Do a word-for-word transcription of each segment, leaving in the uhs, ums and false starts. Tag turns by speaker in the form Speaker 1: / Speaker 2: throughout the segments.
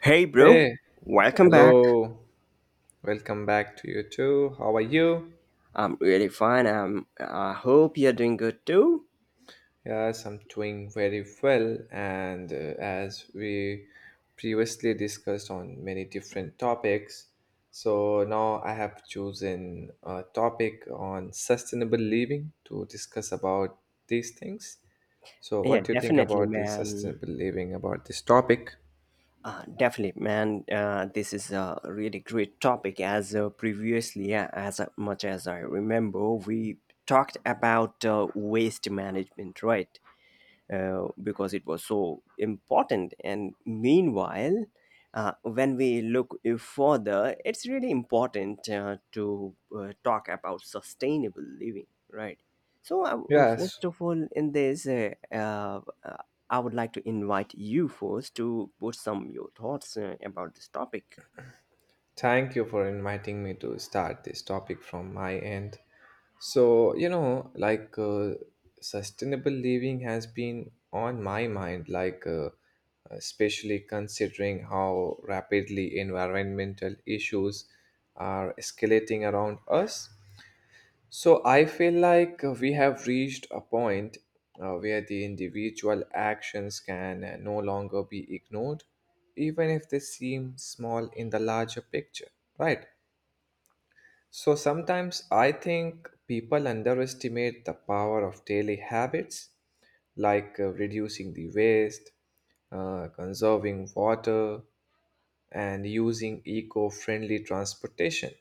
Speaker 1: Hey, bro.
Speaker 2: Hey,
Speaker 1: Welcome back.
Speaker 2: hello. Welcome back to you too. How are you?
Speaker 1: I'm really fine. I'm, I hope you're doing good too.
Speaker 2: Yes, I'm doing very well. And uh, as we previously discussed on many different topics, so now I have chosen a topic on sustainable living to discuss about these things. So,
Speaker 1: Yeah,
Speaker 2: what do you think
Speaker 1: definitely,
Speaker 2: about the
Speaker 1: man.
Speaker 2: sustainable living about this topic?
Speaker 1: Uh, definitely, man. Uh, this is a really great topic. As uh, previously, yeah, as much as I remember, we talked about uh, waste management, right? Uh, because it was so important. And meanwhile, uh, when we look further, it's really important uh, to uh, talk about sustainable living, right? So, uh,
Speaker 2: Yes.
Speaker 1: first of all, in this, uh, uh, I would like to invite you first to put some your thoughts uh, about this topic.
Speaker 2: Thank you for inviting me to start this topic from my end. So, you know, like uh, sustainable living has been on my mind, like uh, especially considering how rapidly environmental issues are escalating around us. So I feel like uh, we have reached a point uh, where the individual actions can uh, no longer be ignored, even if they seem small in the larger picture, right? So sometimes I think people underestimate the power of daily habits like uh, reducing the waste, uh, conserving water, and using eco friendly transportation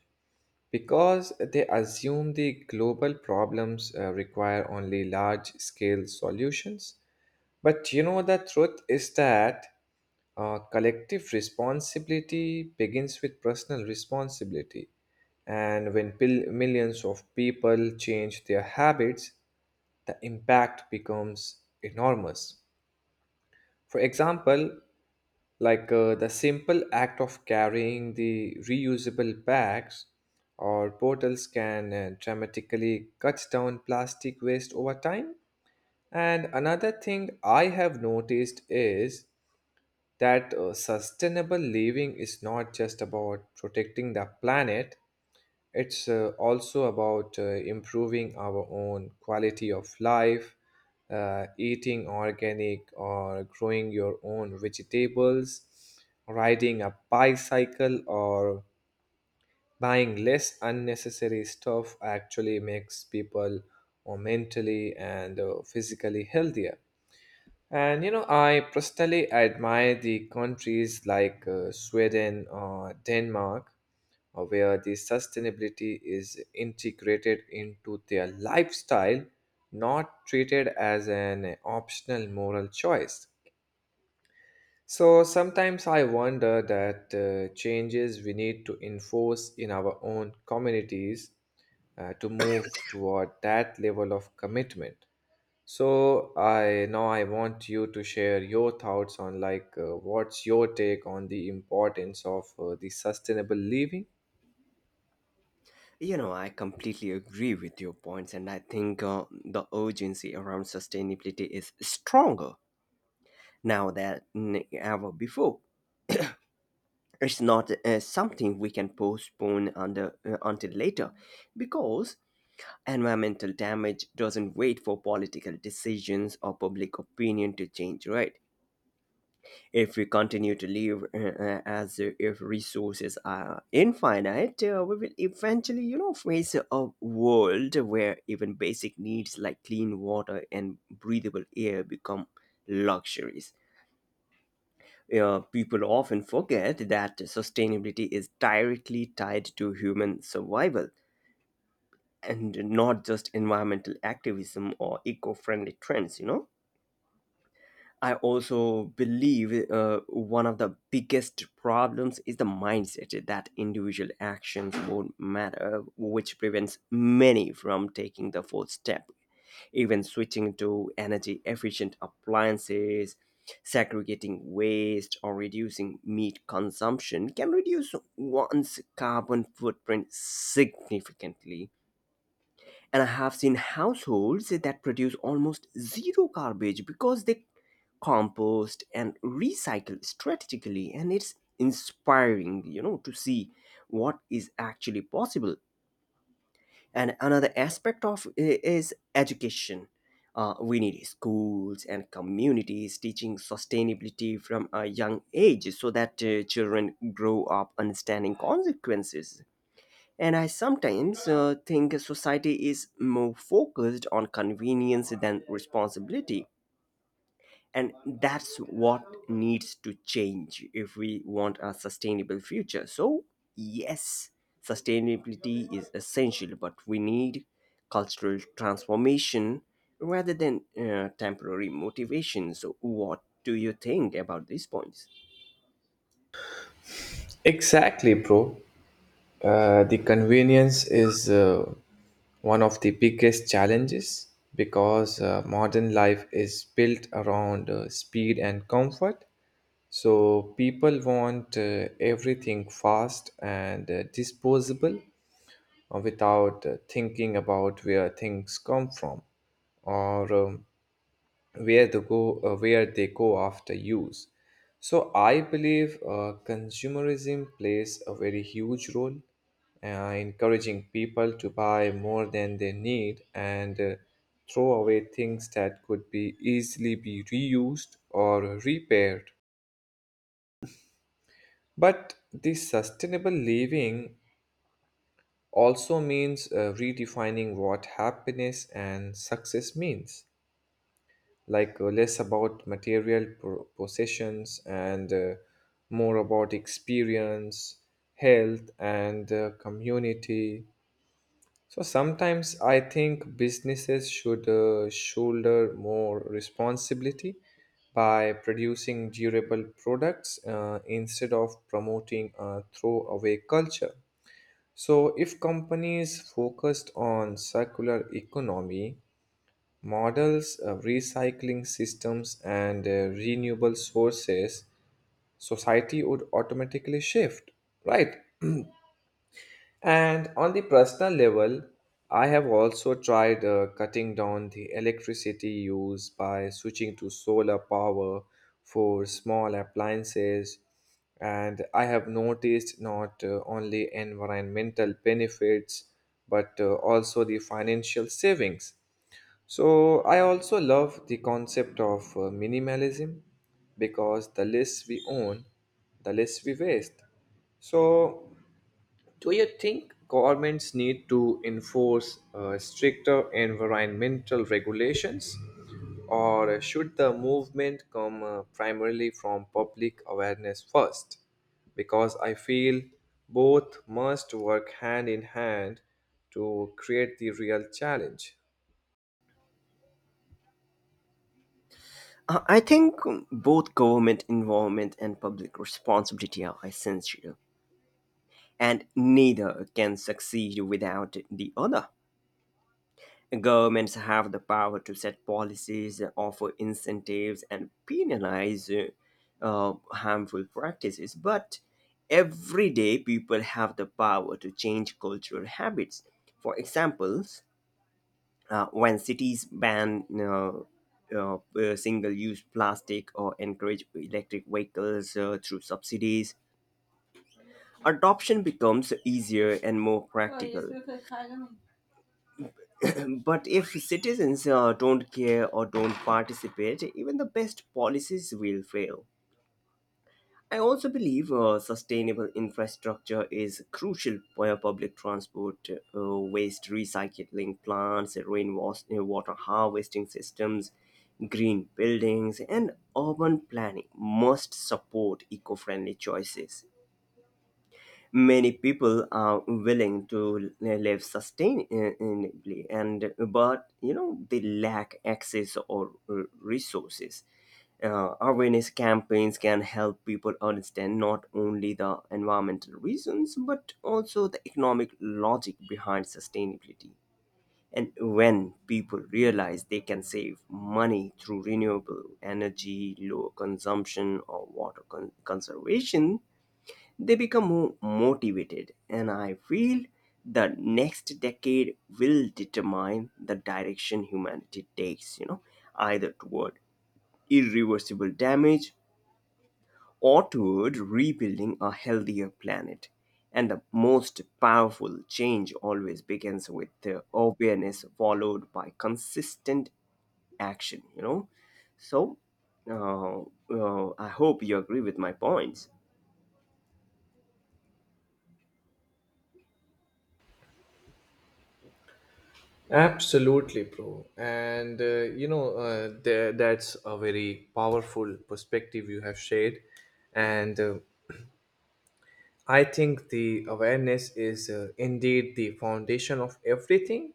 Speaker 2: because they assume the global problems uh, require only large scale solutions. But you know, the truth is that uh, collective responsibility begins with personal responsibility. And when pil- millions of people change their habits, the impact becomes enormous. For example, like uh, the simple act of carrying the reusable bags or bottles can uh, dramatically cut down plastic waste over time. And another thing I have noticed is that uh, sustainable living is not just about protecting the planet. It's uh, also about uh, improving our own quality of life. Uh, eating organic or growing your own vegetables, riding a bicycle or buying less unnecessary stuff actually makes people uh, mentally and uh, physically healthier. And you know, I personally admire the countries like uh, Sweden or Denmark, uh, where the sustainability is integrated into their lifestyle, not treated as an optional moral choice. So sometimes I wonder that uh, changes we need to enforce in our own communities uh, to move toward that level of commitment. So I now I want you to share your thoughts on like uh, what's your take on the importance of uh, the sustainable living?
Speaker 1: You know, I completely agree with your points, and I think uh, the urgency around sustainability is stronger now than ever before. It's not uh, something we can postpone under, uh, until later, because environmental damage doesn't wait for political decisions or public opinion to change, right? If we continue to live uh, uh, as if resources are infinite, uh, we will eventually, you know, face a world where even basic needs like clean water and breathable air become luxuries. Uh, people often forget that sustainability is directly tied to human survival and not just environmental activism or eco friendly trends, you know? I also believe uh, one of the biggest problems is the mindset that individual actions won't matter, which prevents many from taking the full step. Even switching to energy efficient appliances, segregating waste, or reducing meat consumption can reduce one's carbon footprint significantly. And I have seen households that produce almost zero garbage because they compost and recycle strategically. And it's inspiring, you know, to see what is actually possible. And another aspect of i- is education. Uh, we need schools and communities teaching sustainability from a young age so that uh, children grow up understanding consequences. And I sometimes uh, think society is more focused on convenience than responsibility. And that's what needs to change if we want a sustainable future. So, yes, sustainability is essential, but we need cultural transformation rather than uh, temporary motivation. So, what do you think about these points?
Speaker 2: Exactly, bro. Uh, the convenience is uh, one of the biggest challenges because uh, modern life is built around uh, speed and comfort. So people want uh, everything fast and uh, disposable uh, without uh, thinking about where things come from or um, where they go uh, where they go after use. So I believe uh, consumerism plays a very huge role, uh, encouraging people to buy more than they need and uh, throw away things that could be easily be reused or repaired. But the sustainable living also means uh, redefining what happiness and success means, like uh, less about material pro- possessions and uh, more about experience, health, and uh, community. So sometimes I think businesses should uh, shoulder more responsibility by producing durable products uh, instead of promoting a throwaway culture. So, if companies focused on circular economy models, uh, recycling systems, and uh, renewable sources, society would automatically shift, right? And on the personal level, I have also tried uh, cutting down the electricity use by switching to solar power for small appliances. And I have noticed not uh, only environmental benefits but uh, also the financial savings. So I also love the concept of uh, minimalism because the less we own, the less we waste. So do you think governments need to enforce uh, stricter environmental regulations, or should the movement come uh, primarily from public awareness first? Because I feel both must work hand in hand to create the real challenge.
Speaker 1: Uh, I think both government involvement and public responsibility are essential, and neither can succeed without the other. Governments have the power to set policies, offer incentives, and penalize uh, uh, harmful practices, but everyday people have the power to change cultural habits. For examples, uh, when cities ban uh, uh, single use plastic or encourage electric vehicles uh, through subsidies, adoption becomes easier and more practical. But if citizens uh, don't care or don't participate, even the best policies will fail. I also believe uh, sustainable infrastructure is crucial for public transport, uh, waste recycling plants, rainwater harvesting systems, green buildings, and urban planning must support eco friendly choices. Many people are willing to uh, live sustainably, and but you know they lack access or uh, resources. Uh, awareness campaigns can help people understand not only the environmental reasons but also the economic logic behind sustainability. And when people realize they can save money through renewable energy, lower consumption, or water con- conservation, they become more motivated, and I feel the next decade will determine the direction humanity takes, you know, either toward irreversible damage or toward rebuilding a healthier planet. And the most powerful change always begins with the awareness followed by consistent action, you know. So uh, uh, i hope you agree with my points.
Speaker 2: Absolutely, bro. And uh, you know, uh, there, that's a very powerful perspective you have shared. And uh, I think the awareness is uh, indeed the foundation of everything.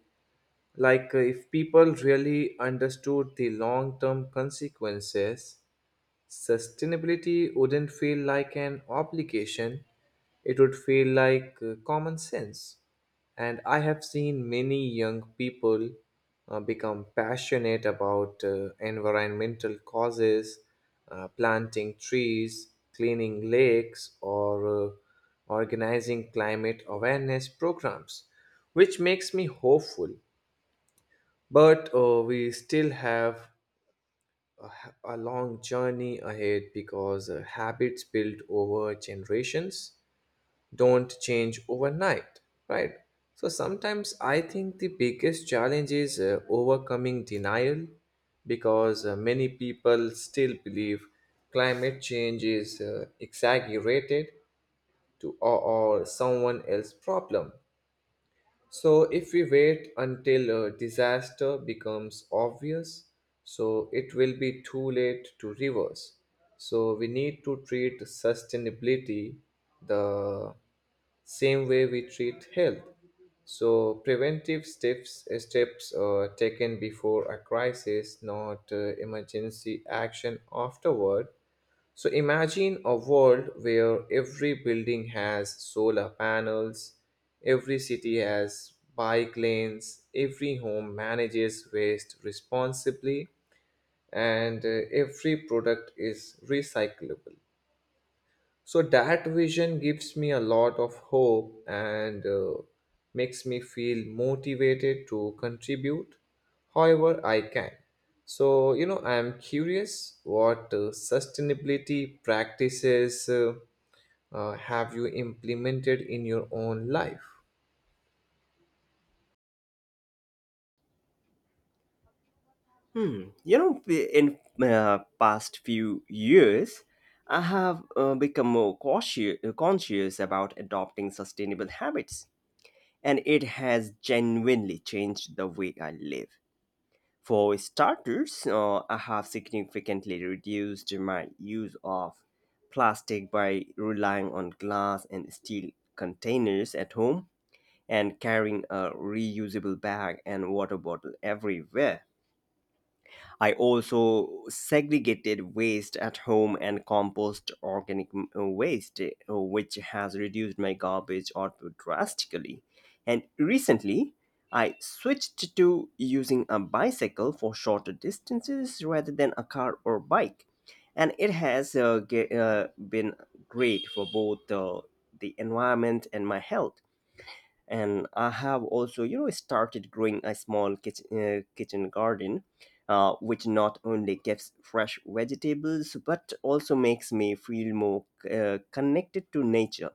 Speaker 2: Like, uh, if people really understood the long term consequences, sustainability wouldn't feel like an obligation, it would feel like uh, common sense. And I have seen many young people uh, become passionate about uh, environmental causes, uh, planting trees, cleaning lakes, or uh, organizing climate awareness programs, which makes me hopeful. But uh, we still have a, h- a long journey ahead because uh, habits built over generations don't change overnight, right? So sometimes I think the biggest challenge is uh, overcoming denial because uh, many people still believe climate change is uh, exaggerated to or, or someone else's problem. So, if we wait until a disaster becomes obvious, so it will be too late to reverse. So, we need to treat sustainability the same way we treat health. So, preventive steps, steps uh, taken before a crisis, not uh, emergency action afterward. So imagine a world where every building has solar panels, every city has bike lanes, every home manages waste responsibly, and uh, every product is recyclable. So that vision gives me a lot of hope and uh, makes me feel motivated to contribute however I can. So, you know, I am curious what uh, sustainability practices uh, uh, have you implemented in your own life?
Speaker 1: Hmm. You know, p- in uh, past few years, I have uh, become more cautious, uh, conscious about adopting sustainable habits, and it has genuinely changed the way I live. For starters, uh, I have significantly reduced my use of plastic by relying on glass and steel containers at home and carrying a reusable bag and water bottle everywhere. I also segregated waste at home and compost organic m- uh, waste, uh, which has reduced my garbage output drastically. And recently, I switched to using a bicycle for shorter distances rather than a car or bike. And it has uh, ge- uh, been great for both uh, the environment and my health. And I have also, you know, started growing a small kitchen, uh, kitchen garden, uh, which not only gives fresh vegetables but also makes me feel more uh, connected to nature.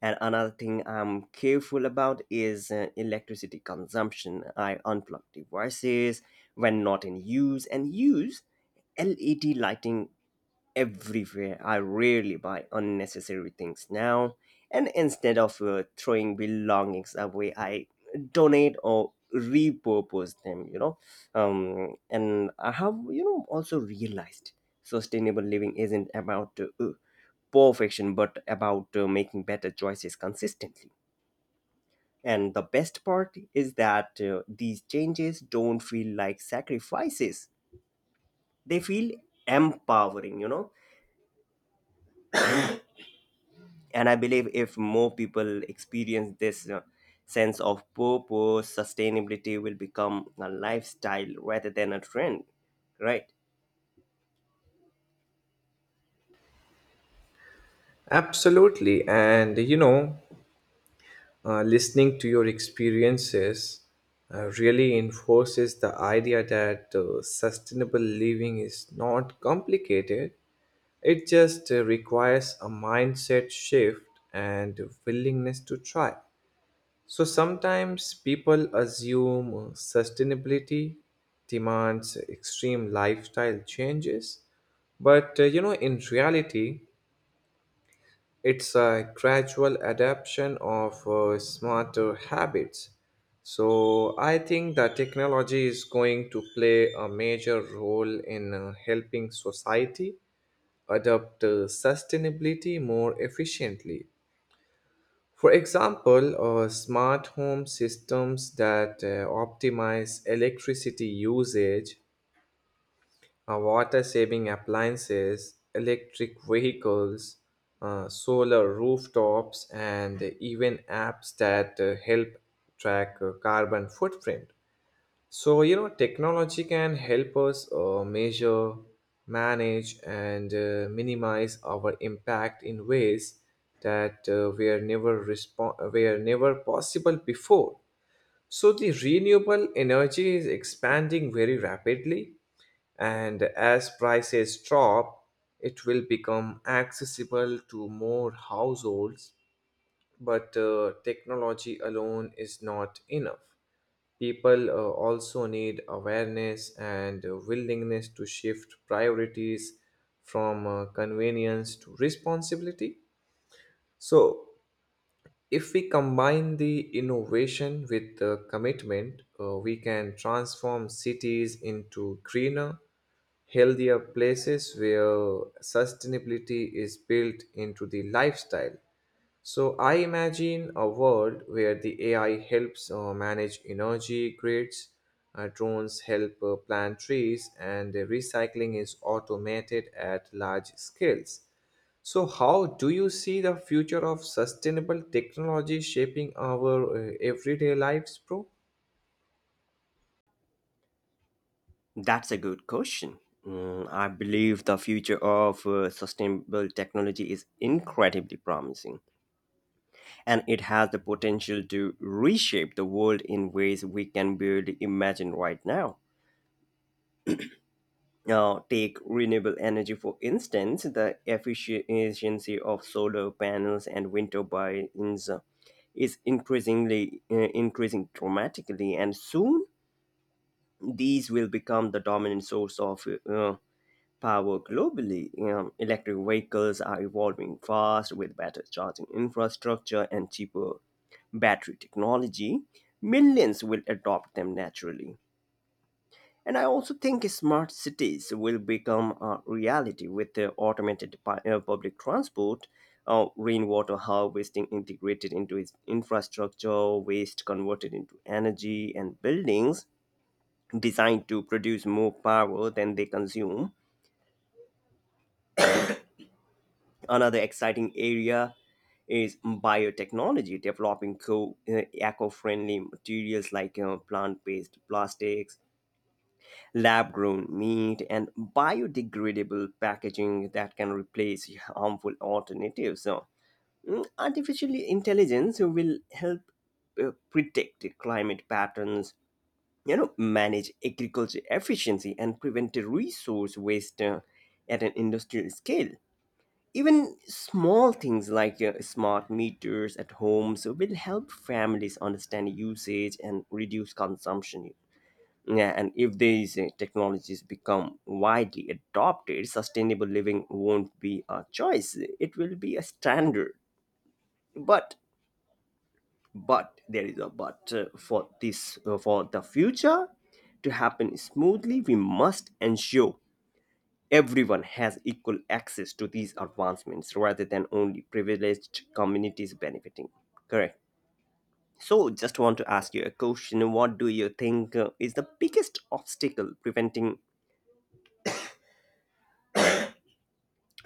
Speaker 1: And another thing I'm careful about is uh, electricity consumption. I unplug devices when not in use and use L E D lighting everywhere. I rarely buy unnecessary things now. And instead of uh, throwing belongings away, I donate or repurpose them, you know. Um, and I have, you know, also realized sustainable living isn't about uh, uh, perfection, but about uh, making better choices consistently. And the best part is that uh, these changes don't feel like sacrifices, they feel empowering, you know. And I believe if more people experience this uh, sense of purpose, sustainability will become a lifestyle rather than a trend, right?
Speaker 2: Absolutely. And, you know, Uh, listening to your experiences uh, really enforces the idea that uh, sustainable living is not complicated. It just uh, requires a mindset shift and willingness to try. So sometimes people assume uh, sustainability demands extreme lifestyle changes, but uh, you know, in reality, it's a gradual adaptation of uh, smarter habits. So I think that technology is going to play a major role in uh, helping society adopt uh, sustainability more efficiently. For example, uh, smart home systems that uh, optimize electricity usage, uh, water saving appliances, electric vehicles, uh, solar rooftops, and even apps that uh, help track uh, carbon footprint. So, you know, technology can help us uh, measure, manage, and uh, minimize our impact in ways that uh, were never respon- were never possible before. So the renewable energy is expanding very rapidly, and as prices drop it will become accessible to more households. But uh, technology alone is not enough. People uh, also need awareness and uh, willingness to shift priorities from uh, convenience to responsibility. So if we combine the innovation with the commitment, uh, we can transform cities into greener, healthier places where sustainability is built into the lifestyle. So, I imagine a world where the A I helps uh, manage energy grids, uh, drones help uh, plant trees, and uh, recycling is automated at large scales. So, how do you see the future of sustainable technology shaping our uh, everyday lives, bro?
Speaker 1: That's a good question. Mm, i believe the future of uh, sustainable technology is incredibly promising, and it has the potential to reshape the world in ways we can barely imagine right now. Uh, take renewable energy, for instance. The efficiency of solar panels and wind turbines uh, is increasingly uh, increasing dramatically, and soon these will become the dominant source of uh, power globally. Um, electric vehicles are evolving fast with better charging infrastructure and cheaper battery technology. Millions will adopt them naturally. And I also think smart cities will become a reality with the automated pu- uh, public transport, uh, rainwater harvesting integrated into its infrastructure, waste converted into energy, and buildings designed to produce more power than they consume. Another exciting area is biotechnology, developing co- uh, eco-friendly materials like uh, plant-based plastics, lab grown meat, and biodegradable packaging that can replace harmful alternatives. So, mm, artificial intelligence will help uh, predict climate patterns, you know, manage agriculture efficiency, and prevent resource waste uh, at an industrial scale. Even small things like uh, smart meters at homes will help families understand usage and reduce consumption. Yeah, and if these uh, technologies become widely adopted, sustainable living won't be a choice. It will be a standard. But but there is a but, uh, for this uh, for the future to happen smoothly, we must ensure everyone has equal access to these advancements rather than only privileged communities benefiting. Correct. So, just want to ask you a question. What do you think uh, is the biggest obstacle preventing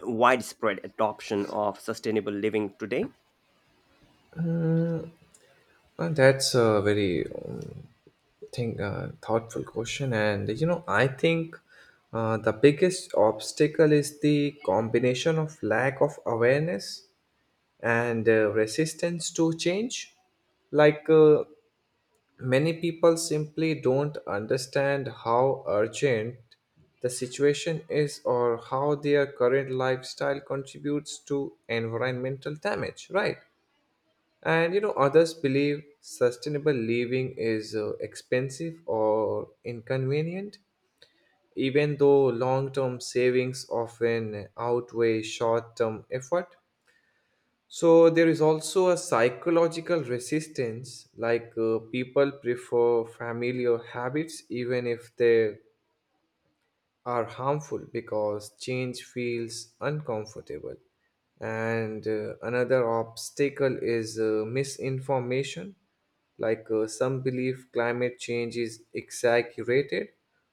Speaker 1: widespread adoption of sustainable living today?
Speaker 2: Uh, that's a very um, think, uh, thoughtful question, and you know, I think uh, the biggest obstacle is the combination of lack of awareness and uh, resistance to change. Like, uh, Many people simply don't understand how urgent the situation is or how their current lifestyle contributes to environmental damage, right? And you know, others believe sustainable living is uh, expensive or inconvenient, even though long term savings often outweigh short term effort. So there is also a psychological resistance, like uh, people prefer familiar habits even if they are harmful because change feels uncomfortable. And uh, another obstacle is uh, misinformation, like uh, some believe climate change is exaggerated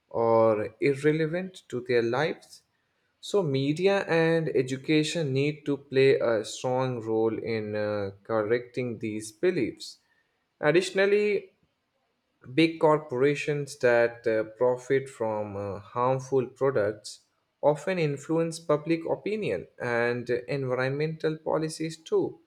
Speaker 2: or irrelevant to their lives. So, media and education need to play a strong role in uh, correcting these beliefs. Additionally, big corporations that uh, profit from uh, harmful products often influence public opinion and environmental policies too.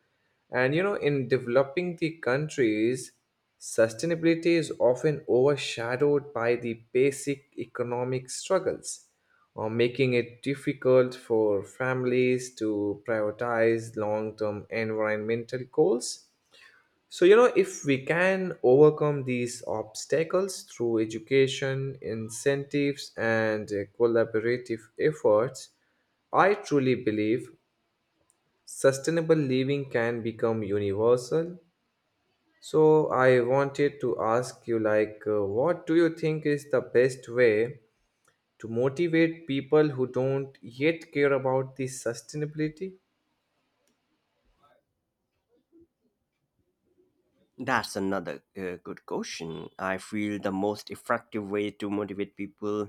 Speaker 2: And you know, in developing the countries, sustainability is often overshadowed by the basic economic struggles, or making it difficult for families to prioritize long term environmental goals. So, you know, if we can overcome these obstacles through education, incentives, and uh, collaborative efforts, I truly believe sustainable living can become universal. So, I wanted to ask you, like, uh, what do you think is the best way to motivate people who don't yet care about the sustainability?
Speaker 1: That's another uh, good question. I feel the most effective way to motivate people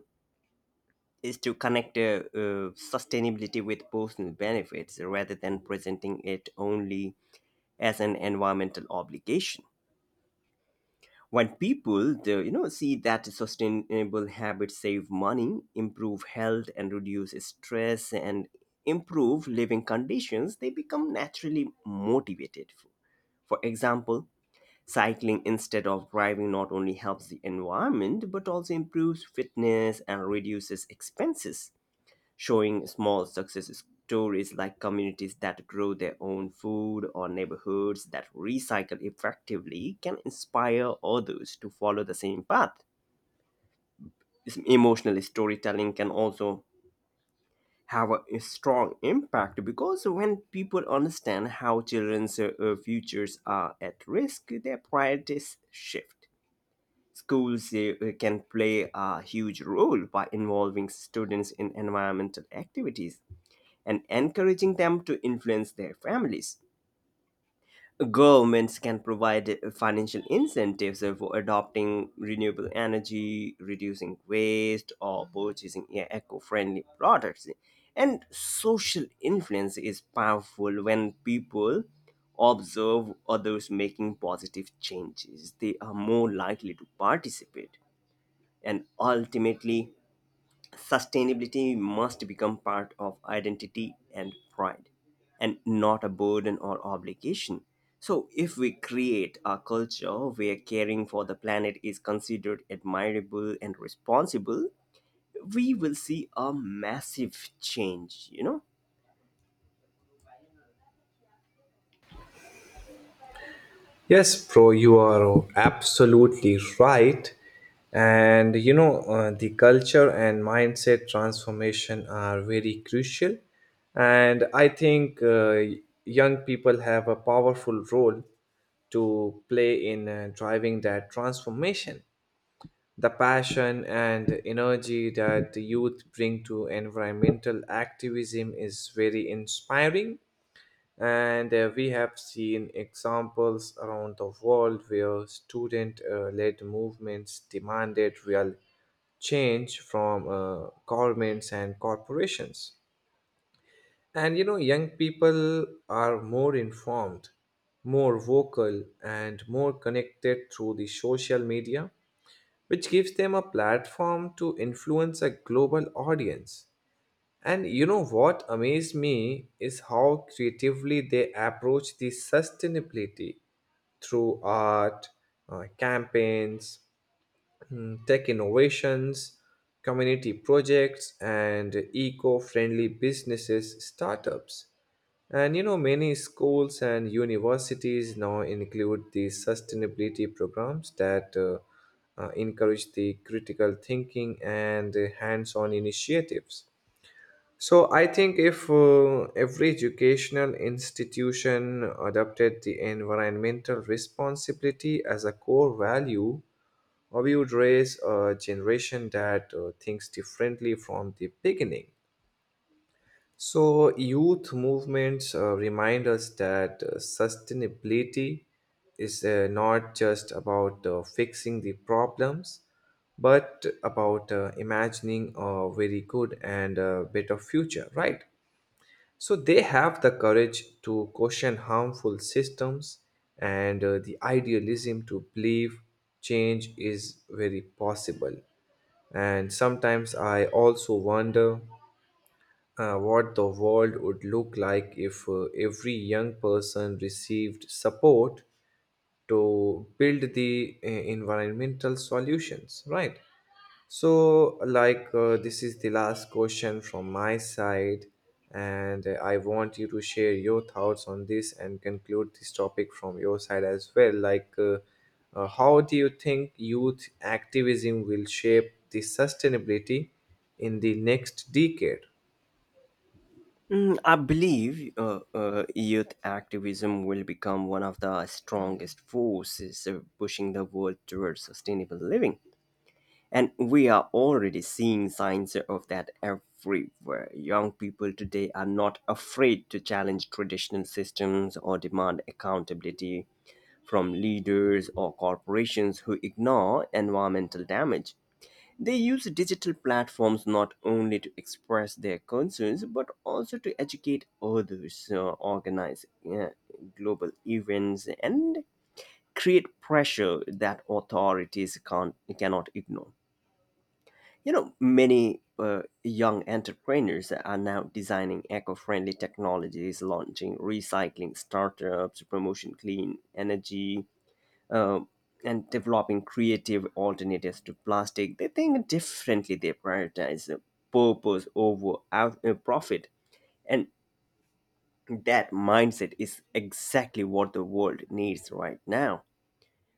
Speaker 1: is to connect uh, uh, sustainability with personal benefits rather than presenting it only as an environmental obligation. When people, the, you know, see that sustainable habits save money, improve health, and reduce stress and improve living conditions, they become naturally motivated. For example, cycling instead of driving not only helps the environment but also improves fitness and reduces expenses. Showing small success stories like communities that grow their own food or neighborhoods that recycle effectively can inspire others to follow the same path. This emotional storytelling can also have a, a strong impact, because when people understand how children's uh, uh, futures are at risk, their priorities shift. Schools uh, can play a huge role by involving students in environmental activities and encouraging them to influence their families. Governments can provide financial incentives for adopting renewable energy, reducing waste, or purchasing eco friendly products. And social influence is powerful. When people observe others making positive changes, they are more likely to participate, and ultimately sustainability must become part of identity and pride, and not a burden or obligation. So if we create a culture where caring for the planet is considered admirable and responsible, we will see a massive change, you know.
Speaker 2: Yes, bro, you are absolutely right. And you know, uh, the culture and mindset transformation are very crucial. And I think uh, young people have a powerful role to play in uh, driving that transformation. The passion and energy that the youth bring to environmental activism is very inspiring, and uh, we have seen examples around the world where student uh, led movements demanded real change from uh, governments and corporations. And you know, young people are more informed, more vocal, and more connected through the social media, which gives them a platform to influence a global audience. And you know what amazed me is how creatively they approach the sustainability through art, uh, campaigns, mm, tech innovations, community projects, and eco-friendly businesses, startups. And you know, many schools and universities now include these sustainability programs that uh, uh, encourage the critical thinking and uh, hands-on initiatives. So I think if uh, every educational institution adopted the environmental responsibility as a core value, uh, we would raise a generation that uh, thinks differently from the beginning. So youth movements uh, remind us that uh, sustainability is uh, not just about uh, fixing the problems, but about uh, imagining a very good and uh, better future, right? So they have the courage to question harmful systems and uh, the idealism to believe change is very possible. And sometimes I also wonder uh, what the world would look like if uh, every young person received support to build the uh, environmental solutions, right? So, like, uh, this is the last question from my side, and uh, I want you to share your thoughts on this and conclude this topic from your side as well. Like, uh, uh, how do you think youth activism will shape the sustainability in the next decade?
Speaker 1: Mm, I believe uh, uh, youth activism will become one of the strongest forces uh, pushing the world towards sustainable living. And we are already seeing signs of that everywhere. Young people today are not afraid to challenge traditional systems or demand accountability from leaders or corporations who ignore environmental damage. They use digital platforms not only to express their concerns but also to educate others, uh, organize uh, global events, and create pressure that authorities can't, cannot ignore, you know. Many uh, young entrepreneurs are now designing eco-friendly technologies, launching recycling startups, promotion clean energy, uh, and developing creative alternatives to plastic. They think differently. They prioritize uh, purpose over out- uh, profit, and that mindset is exactly what the world needs right now.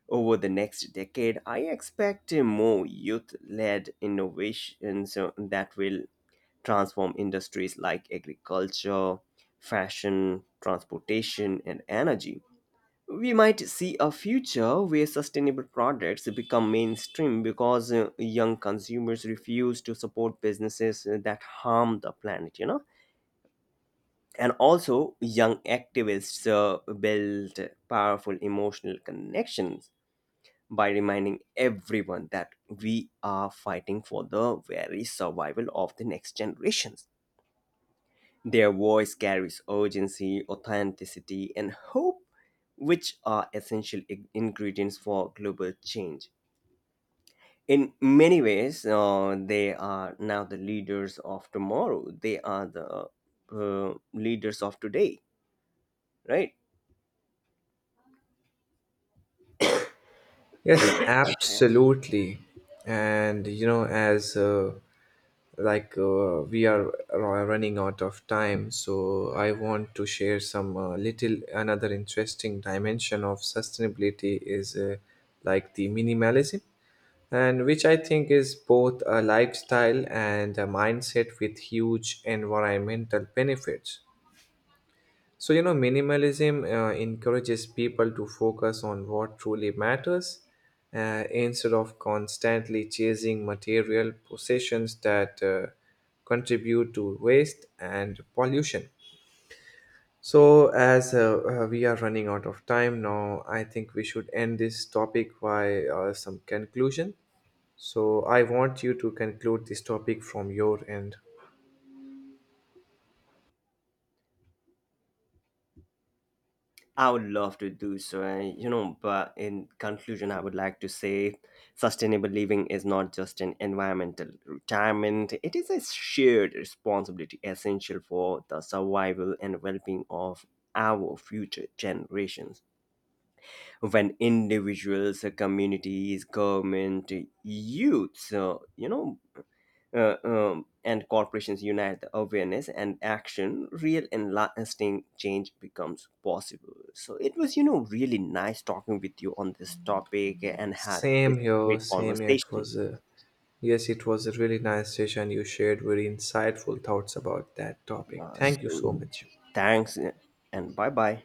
Speaker 1: Over the next decade, I expect uh, more youth led innovations uh, that will transform industries like agriculture, fashion, transportation, and energy. We might see a future where sustainable products become mainstream because uh, young consumers refuse to support businesses uh, that harm the planet, you know. And also, young activists uh, build powerful emotional connections by reminding everyone that we are fighting for the very survival of the next generations. Their voice carries urgency, authenticity, and hope, which are essential i- ingredients for global change. In many ways, uh, they are now the leaders of tomorrow. They are the uh, leaders of today, right?
Speaker 2: Yes, absolutely. And, you know, as uh, like uh, we are ru- running out of time, so I want to share some uh, little another interesting dimension of sustainability is uh, like the minimalism, and which I think is both a lifestyle and a mindset with huge environmental benefits. So, you know, minimalism uh, encourages people to focus on what truly matters uh, instead of constantly chasing material possessions that uh, contribute to waste and pollution. So, as uh, uh, we are running out of time now, I think we should end this topic by uh, some conclusion. So, I want you to conclude this topic from your end.
Speaker 1: I would love to do so, and you know, but in conclusion, I would like to say sustainable living is not just an environmental retirement, it is a shared responsibility essential for the survival and well being of our future generations. When individuals, communities, government, youths, uh, you know, uh, um, and corporations unite the awareness and action, real and lasting change becomes possible. So it was, you know, really nice talking with you on this topic and had this
Speaker 2: Same here,
Speaker 1: great
Speaker 2: same here. It
Speaker 1: conversation.
Speaker 2: was a yes, it was a really nice session. You shared very insightful thoughts about that topic.
Speaker 1: Uh,
Speaker 2: Thank you so
Speaker 1: so
Speaker 2: much.
Speaker 1: thanks, uh, and bye bye.